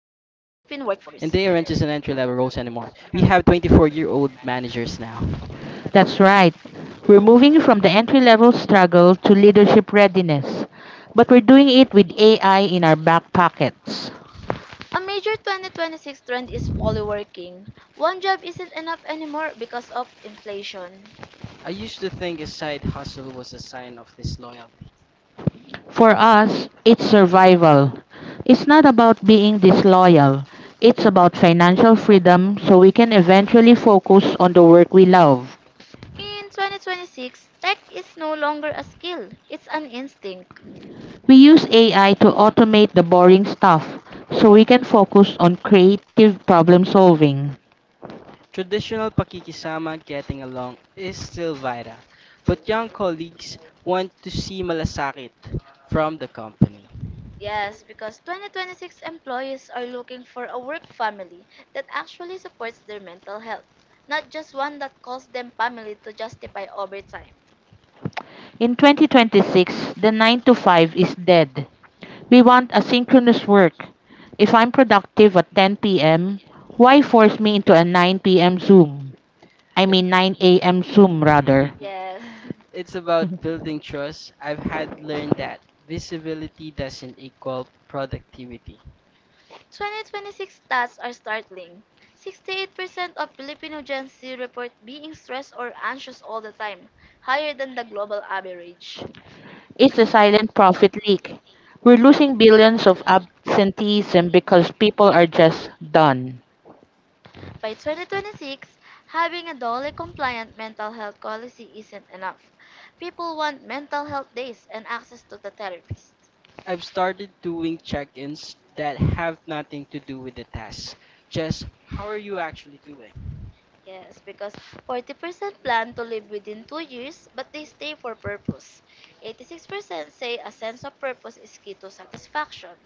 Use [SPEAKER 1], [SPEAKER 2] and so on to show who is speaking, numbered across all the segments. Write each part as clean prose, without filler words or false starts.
[SPEAKER 1] they aren't just an entry level roles anymore. We have 24-year-old managers now.
[SPEAKER 2] That's right. We're moving from the entry level struggle to leadership readiness, but we're doing it with AI in our back pockets.
[SPEAKER 3] A major 2026 trend is polyworking. One job isn't enough anymore because of inflation.
[SPEAKER 1] I used to think a side hustle was a sign of disloyalty.
[SPEAKER 2] For us, it's survival. It's not about being disloyal, it's about financial freedom so we can eventually focus on the work we love.
[SPEAKER 3] In 2026, tech is no longer a skill, it's an instinct.
[SPEAKER 2] We use AI to automate the boring stuff so we can focus on creative problem solving.
[SPEAKER 1] Traditional pakikisama getting along is still vital, but young colleagues want to see malasakit from the company.
[SPEAKER 3] Yes, because 2026 employees are looking for a work family that actually supports their mental health, not just one that calls them family to justify overtime.
[SPEAKER 2] In 2026, the 9 to 5 is dead. We want asynchronous work. If I'm productive at 10 p.m., why force me into a 9 p.m. Zoom?
[SPEAKER 1] I-
[SPEAKER 2] 9 a.m. Zoom rather.
[SPEAKER 3] Yes.
[SPEAKER 1] It's about building trust. I've had learned that visibility doesn't equal productivity.
[SPEAKER 3] 2026 stats are startling. 68% of Filipino Gen Z report being stressed or anxious all the time, higher than the global average.
[SPEAKER 2] It's a silent profit leak. We're losing billions of absenteeism because people are just done.
[SPEAKER 3] By 2026, having a DOLE compliant mental health policy isn't enough. People want mental health days and access to the therapist.
[SPEAKER 1] I've started doing check ins that have nothing to do with the test, just how are you actually doing?
[SPEAKER 3] Yes, because 40% plan to live within 2 years, but they stay for purpose. 86% say a sense of purpose is key to satisfaction.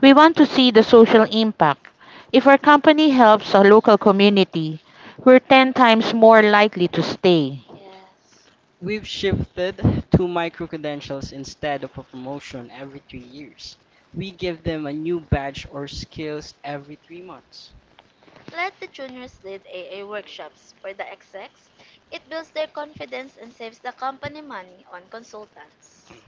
[SPEAKER 2] We want to see the social impact. If our company helps a local community, we're 10 times more likely to stay.
[SPEAKER 3] Yes.
[SPEAKER 1] We've shifted to micro credentials instead of a promotion every 3 years. We give them a new badge or skills every 3 months.
[SPEAKER 3] Let the juniors lead AA workshops. For the execs, it builds their confidence and saves the company money on consultants.